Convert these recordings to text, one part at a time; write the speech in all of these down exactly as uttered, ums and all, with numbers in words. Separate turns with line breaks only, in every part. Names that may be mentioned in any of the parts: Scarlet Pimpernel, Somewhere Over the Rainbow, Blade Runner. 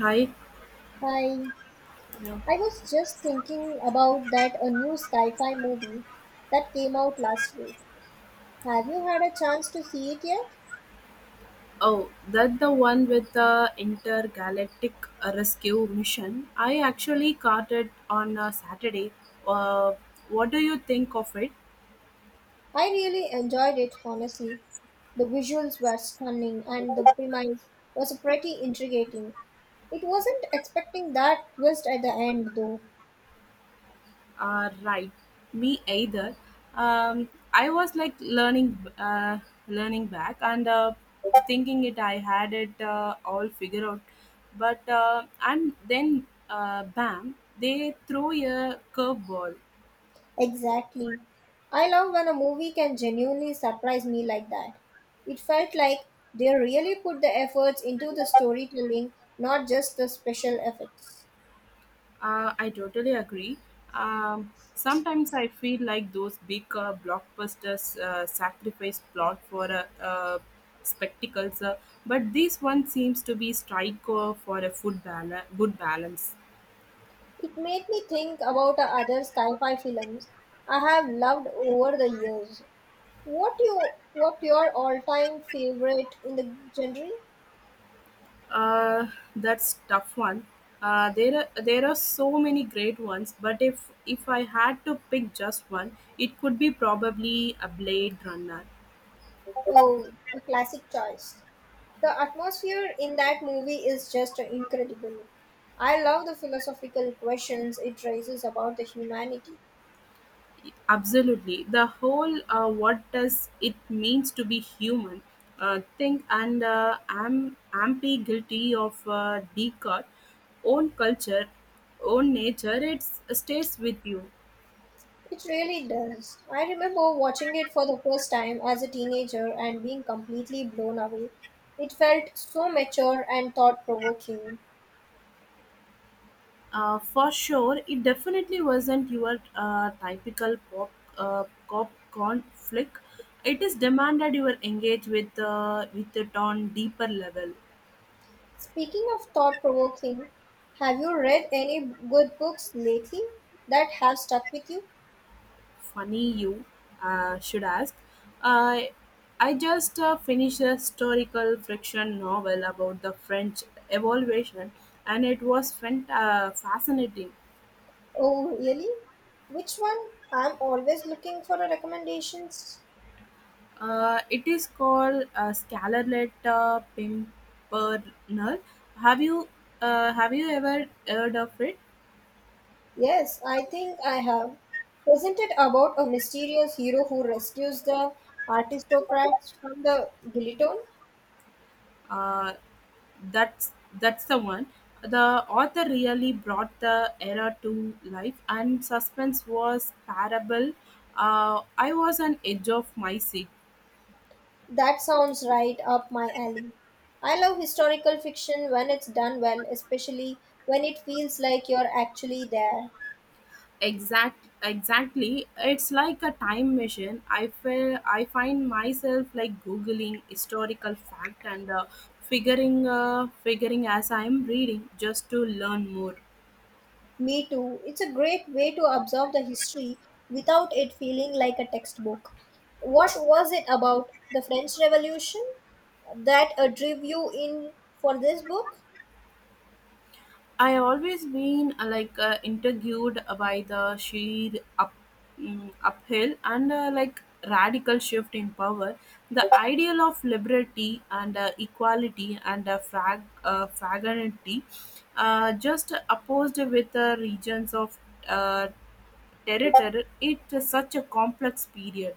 Hi.
Hi,
Yeah.
I was just thinking about that a new sci-fi movie that came out last week. Have you had a chance to see it yet?
Oh, that the one with the intergalactic uh, rescue mission. I actually caught it on a Saturday. Uh, what do you think of it?
I really enjoyed it, honestly. The visuals were stunning and the premise was pretty intriguing. It wasn't expecting that twist at the end though.
Uh, right, me either. Um, I was like learning, uh, learning back and uh, thinking it. I had it uh, all figured out, but uh, and then uh, bam, they throw a curveball.
Exactly. I love when a movie can genuinely surprise me like that. It felt like they really put the efforts into the storytelling, not just the special effects.
Uh, I totally agree. Um, sometimes I feel like those big uh, blockbusters uh, sacrifice plot for a, uh, uh, spectacles, uh, but this one seems to be strike uh, for a food bala- good balance.
It made me think about other sci-fi films I have loved over the years. What you what your all-time favorite in the genre?
Uh, that's tough one. Uh, there are there are so many great ones, but if if I had to pick just one, it could be probably a Blade Runner.
Oh, a classic choice. The atmosphere in that movie is just incredible. I love the philosophical questions it raises about the humanity.
Absolutely. The whole uh, what does it means to be human uh, thing and uh, I'm amply guilty of uh, Descartes' own culture, own nature, it stays with you.
It really does. I remember watching it for the first time as a teenager and being completely blown away. It felt so mature and thought provoking.
Uh, for sure, it definitely wasn't your uh, typical pop, uh, pop conflict. It is demanded you are engaged with, uh, with it on deeper level.
Speaking of thought provoking, have you read any good books lately that have stuck with you?
Funny you uh, should ask. I I just uh, finished a historical fiction novel about the French Evolution, and it was fant uh, fascinating.
Oh, really? Which one? I'm always looking for a recommendations.
Uh, it is called uh, Scarlet uh, Pimpernel. Have you uh, have you ever heard of it?
Yes, I think I have. Isn't it about a mysterious hero who rescues the aristocrats from the guillotine?
Uh, that's that's the one the author really brought the era to life and suspense was parable, uh, I was on edge of my seat.
That sounds right up my alley. I love historical fiction when it's done well, especially when it feels like you're actually there.
Exact exactly, it's like a time machine. I feel I find myself like googling historical fact and, uh, figuring uh, figuring as I'm reading just to learn more.
Me too. It's a great way to observe the history without it feeling like a textbook. What was it about the French Revolution that uh, drew you in for this book?
I have always been uh, like uh, intrigued by the sheer up, mm uphill and uh, like radical shift in power, the ideal of liberty and uh, equality and uh, frag uh, fraternity, uh, just opposed with the regions of uh, territory. It's such a complex period.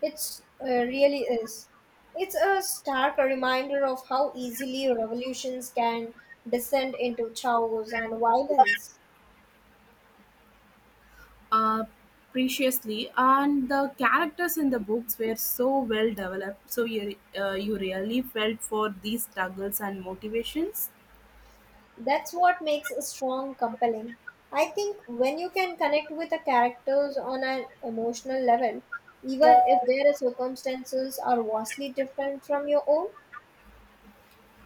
It's uh, really is. It's a stark reminder of how easily revolutions can descend into chaos and violence.
uh, Preciously, and the characters in the books were so well developed, so you, uh, you really felt for these struggles and motivations.
That's what makes a strong compelling. I think when you can connect with the characters on an emotional level, even if their circumstances are vastly different from your own.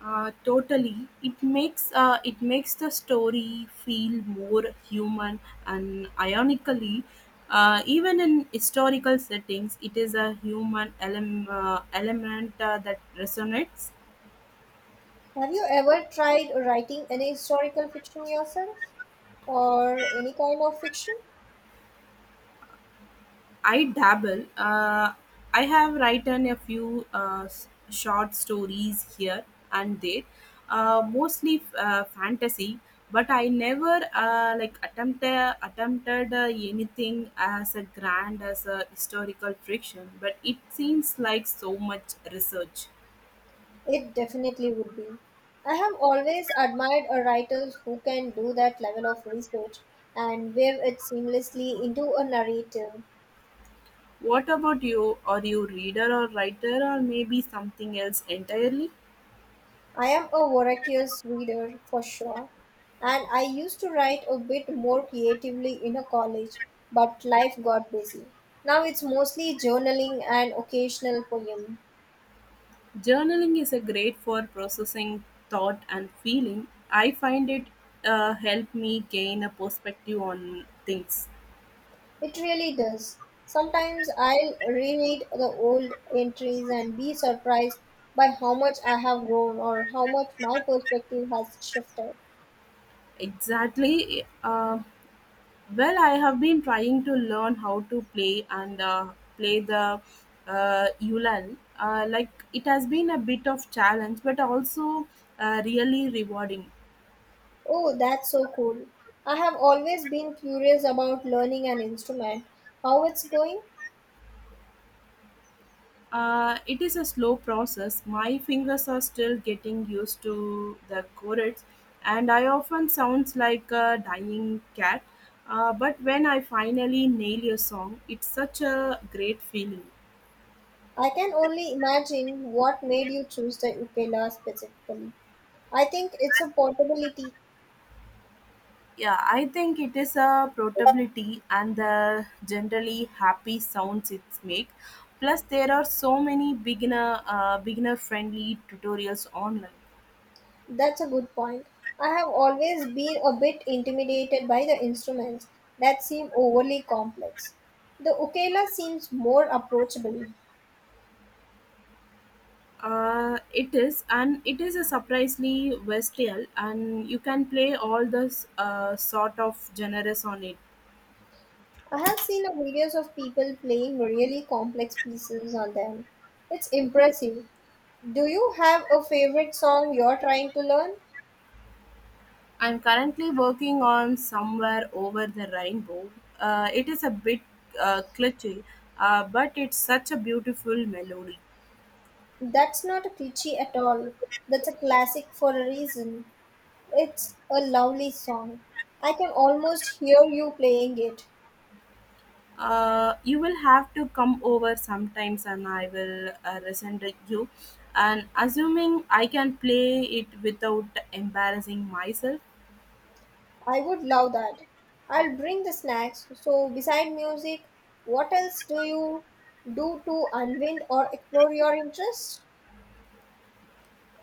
uh, Totally, it makes uh, it makes the story feel more human, and ironically uh, even in historical settings it is a human elem- uh, element uh, that resonates.
Have you ever tried writing any historical fiction yourself, or any kind of fiction?
I dabble. Uh, I have written a few uh, s- short stories here and there, uh, mostly uh, fantasy. But I never uh, like attempted attempted uh, anything as a grand as a historical fiction. But it seems like so much research.
It definitely would be. I have always admired a writers who can do that level of research and weave it seamlessly into a narrative.
What about you? Are you reader or writer or maybe something else entirely?
I am a voracious reader for sure, and I used to write a bit more creatively in a college, but life got busy. Now it's mostly journaling and occasional poem.
Journaling is a great for processing thought and feeling. I find it uh, help me gain a perspective on things.
It really does. Sometimes I'll reread the old entries and be surprised by how much I have grown or how much my perspective has shifted.
Exactly. Uh, well, I have been trying to learn how to play and uh, play the uh, ulan. Uh, like it has been a bit of challenge, but also uh, really rewarding.
Oh, that's so cool. I have always been curious about learning an instrument. How it's going?
Uh, it is a slow process. My fingers are still getting used to the chords, and I often sounds like a dying cat. Uh, but when I finally nail a song, it's such a great feeling.
I can only imagine what made you choose the ukulele specifically. I think it's a portability.
Yeah, I think it is a portability and the generally happy sounds it make. Plus, there are so many beginner uh, beginner friendly tutorials online.
That's a good point. I have always been a bit intimidated by the instruments that seem overly complex. The ukulele seems more approachable.
Uh, it is, and it is a surprisingly versatile, and you can play all the s- uh, sort of genres on it.
I have seen videos of people playing really complex pieces on them. It's impressive. Do you have a favorite song you're trying to learn?
I'm currently working on Somewhere Over the Rainbow. Uh, it is a bit uh, glitchy, uh, but it's such a beautiful melody.
That's not a cliche at all. That's a classic for a reason. It's a lovely song. I can almost hear you playing it.
Uh, you will have to come over sometimes, and I will uh, resend it you. And assuming I can play it without embarrassing myself.
I would love that. I'll bring the snacks. So, beside music, what else do you do to unwind or explore your interests?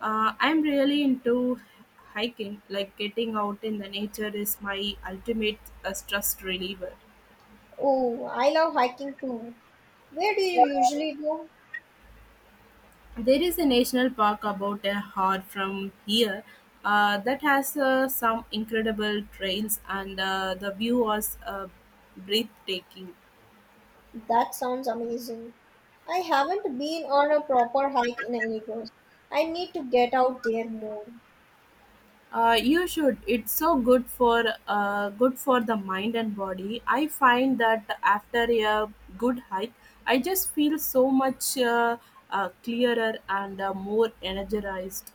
Uh, I'm really into hiking, like getting out in the nature is my ultimate uh, stress reliever.
Oh, I love hiking too. Where do you usually go?
There is a national park about a hour from here uh, that has uh, some incredible trails, and uh, the view was uh, breathtaking.
That sounds amazing. I haven't been on a proper hike in ages. I need to get out there more.
Uh, you should. It's so good for uh, good for the mind and body. I find that after a good hike, I just feel so much uh, uh, clearer and uh, more energized.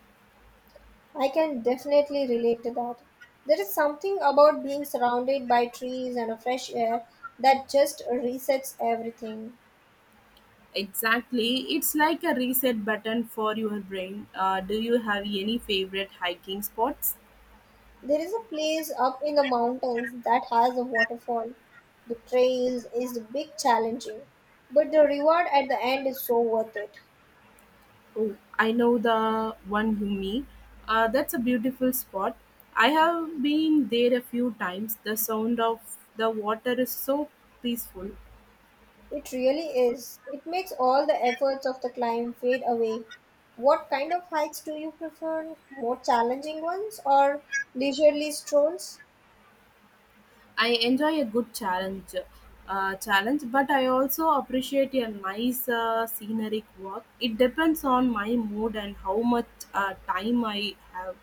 I can definitely relate to that. There is something about being surrounded by trees and a fresh air that just resets everything.
Exactly, it's like a reset button for your brain. Uh, do you have any favorite hiking spots?
There is a place up in the mountains that has a waterfall. The trails is a big challenging, but the reward at the end is so worth it.
Oh, I know the one you mean. Uh, that's a beautiful spot. I have been there a few times. The sound of the water is so peaceful.
It really is. It makes all the efforts of the climb fade away. What kind of hikes do you prefer? More challenging ones or leisurely strolls?
I enjoy a good challenge, uh, challenge, but I also appreciate a nice uh, scenic walk. It depends on my mood and how much uh, time I have.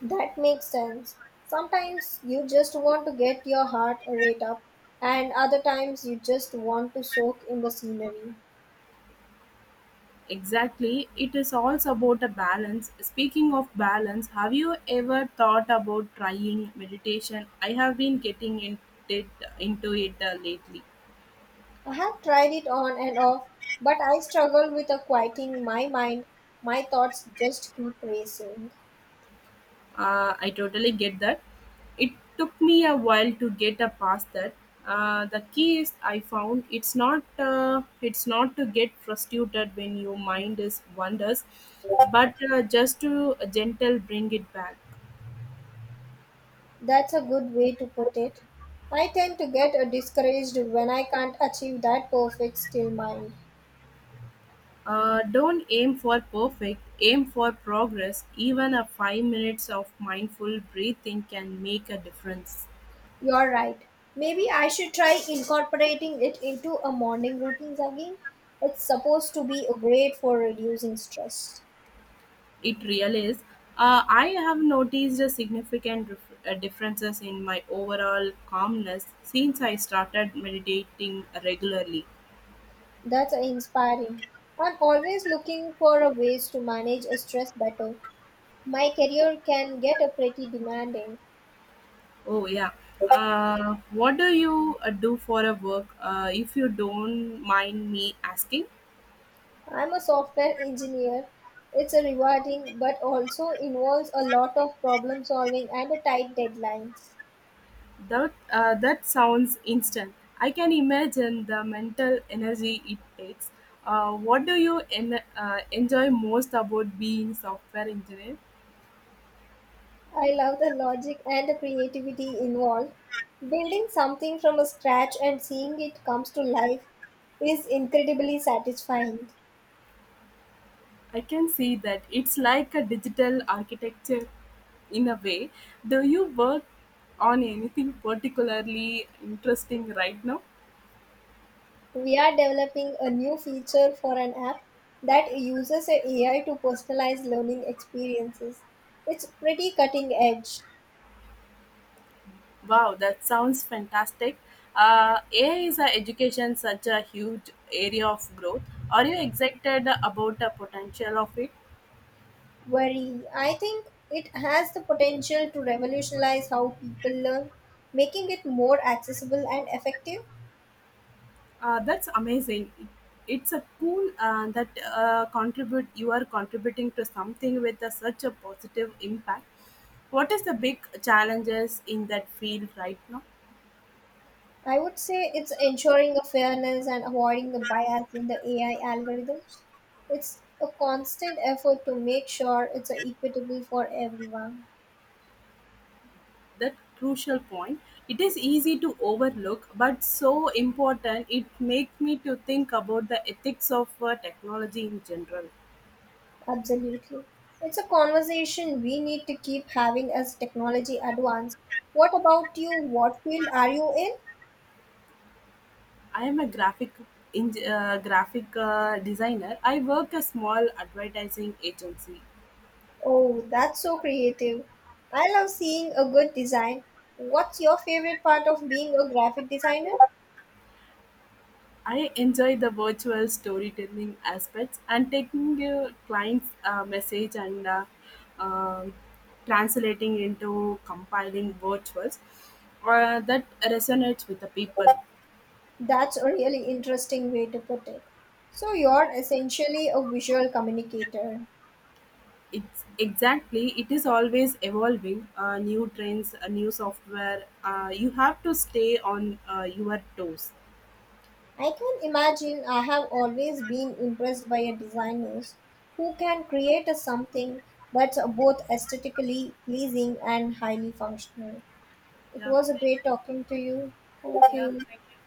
That makes sense. Sometimes you just want to get your heart rate up, and other times you just want to soak in the scenery.
Exactly, it is also about a balance. Speaking of balance, have you ever thought about trying meditation? I have been getting in- it- into it uh, lately.
I have tried it on and off, but I struggle with a quieting my mind. My thoughts just keep racing.
Uh, I totally get that. It took me a while to get uh, past that. Uh, the key is I found it's not uh, it's not to get frustrated when your mind is wanders, but uh, just to gentle bring it back.
That's a good way to put it. I tend to get uh, discouraged when I can't achieve that perfect still mind.
Uh, don't aim for perfect, aim for progress. Even a five minutes of mindful breathing can make a difference.
You're right. Maybe I should try incorporating it into a morning routine again. It's supposed to be great for reducing stress.
It really is. Uh, I have noticed a significant dif- uh, differences in my overall calmness since I started meditating regularly.
That's inspiring. I'm always looking for a ways to manage a stress better. My career can get a pretty demanding.
Oh yeah. Uh, what do you uh, do for a work? Uh, if you don't mind me asking.
I'm a software engineer. It's a rewarding but also involves a lot of problem solving and a tight deadlines.
That uh, that sounds instant. I can imagine the mental energy it takes. Uh, what do you en- uh, enjoy most about being software engineer?
I love the logic and the creativity involved. Building something from scratch and seeing it comes to life is incredibly satisfying.
I can see that it's like a digital architecture in a way. Do you work on anything particularly interesting right now?
We are developing a new feature for an app that uses a AI to personalize learning experiences. It's pretty cutting edge.
Wow, that sounds fantastic. Uh, A I is a education such a huge area of growth. Are you excited about the potential of it?
Very, I think it has the potential to revolutionize how people learn, making it more accessible and effective.
Uh, that's amazing. It- It's a cool uh, that uh, contribute. You are contributing to something with a, such a positive impact. What is the big challenges in that field right now?
I would say it's ensuring a fairness and avoiding the bias in the A I algorithms. It's a constant effort to make sure it's equitable for everyone.
That crucial point. It is easy to overlook, but so important. It makes me to think about the ethics of uh, technology in general.
Absolutely. It's a conversation we need to keep having as technology advances. What about you? What field are you in?
I am a graphic in, uh, graphic uh, designer. I work a small advertising agency.
Oh, that's so creative. I love seeing a good design. What's your favorite part of being a graphic designer?
I enjoy the virtual storytelling aspects and taking a client's uh, message and uh, um translating into compiling virtuals uh, that resonates with the people.
That's a really interesting way to put it. So, you're essentially a visual communicator.
It's exactly it is always evolving. Uh, new trends, uh, new software. Uh, you have to stay on uh, your toes.
I can imagine I have always been impressed by a designers who can create a something that's both aesthetically pleasing and highly functional. It
Yeah.
was a
Thank
great talking to you.
you.
Thank
Yeah,
you.
thank you.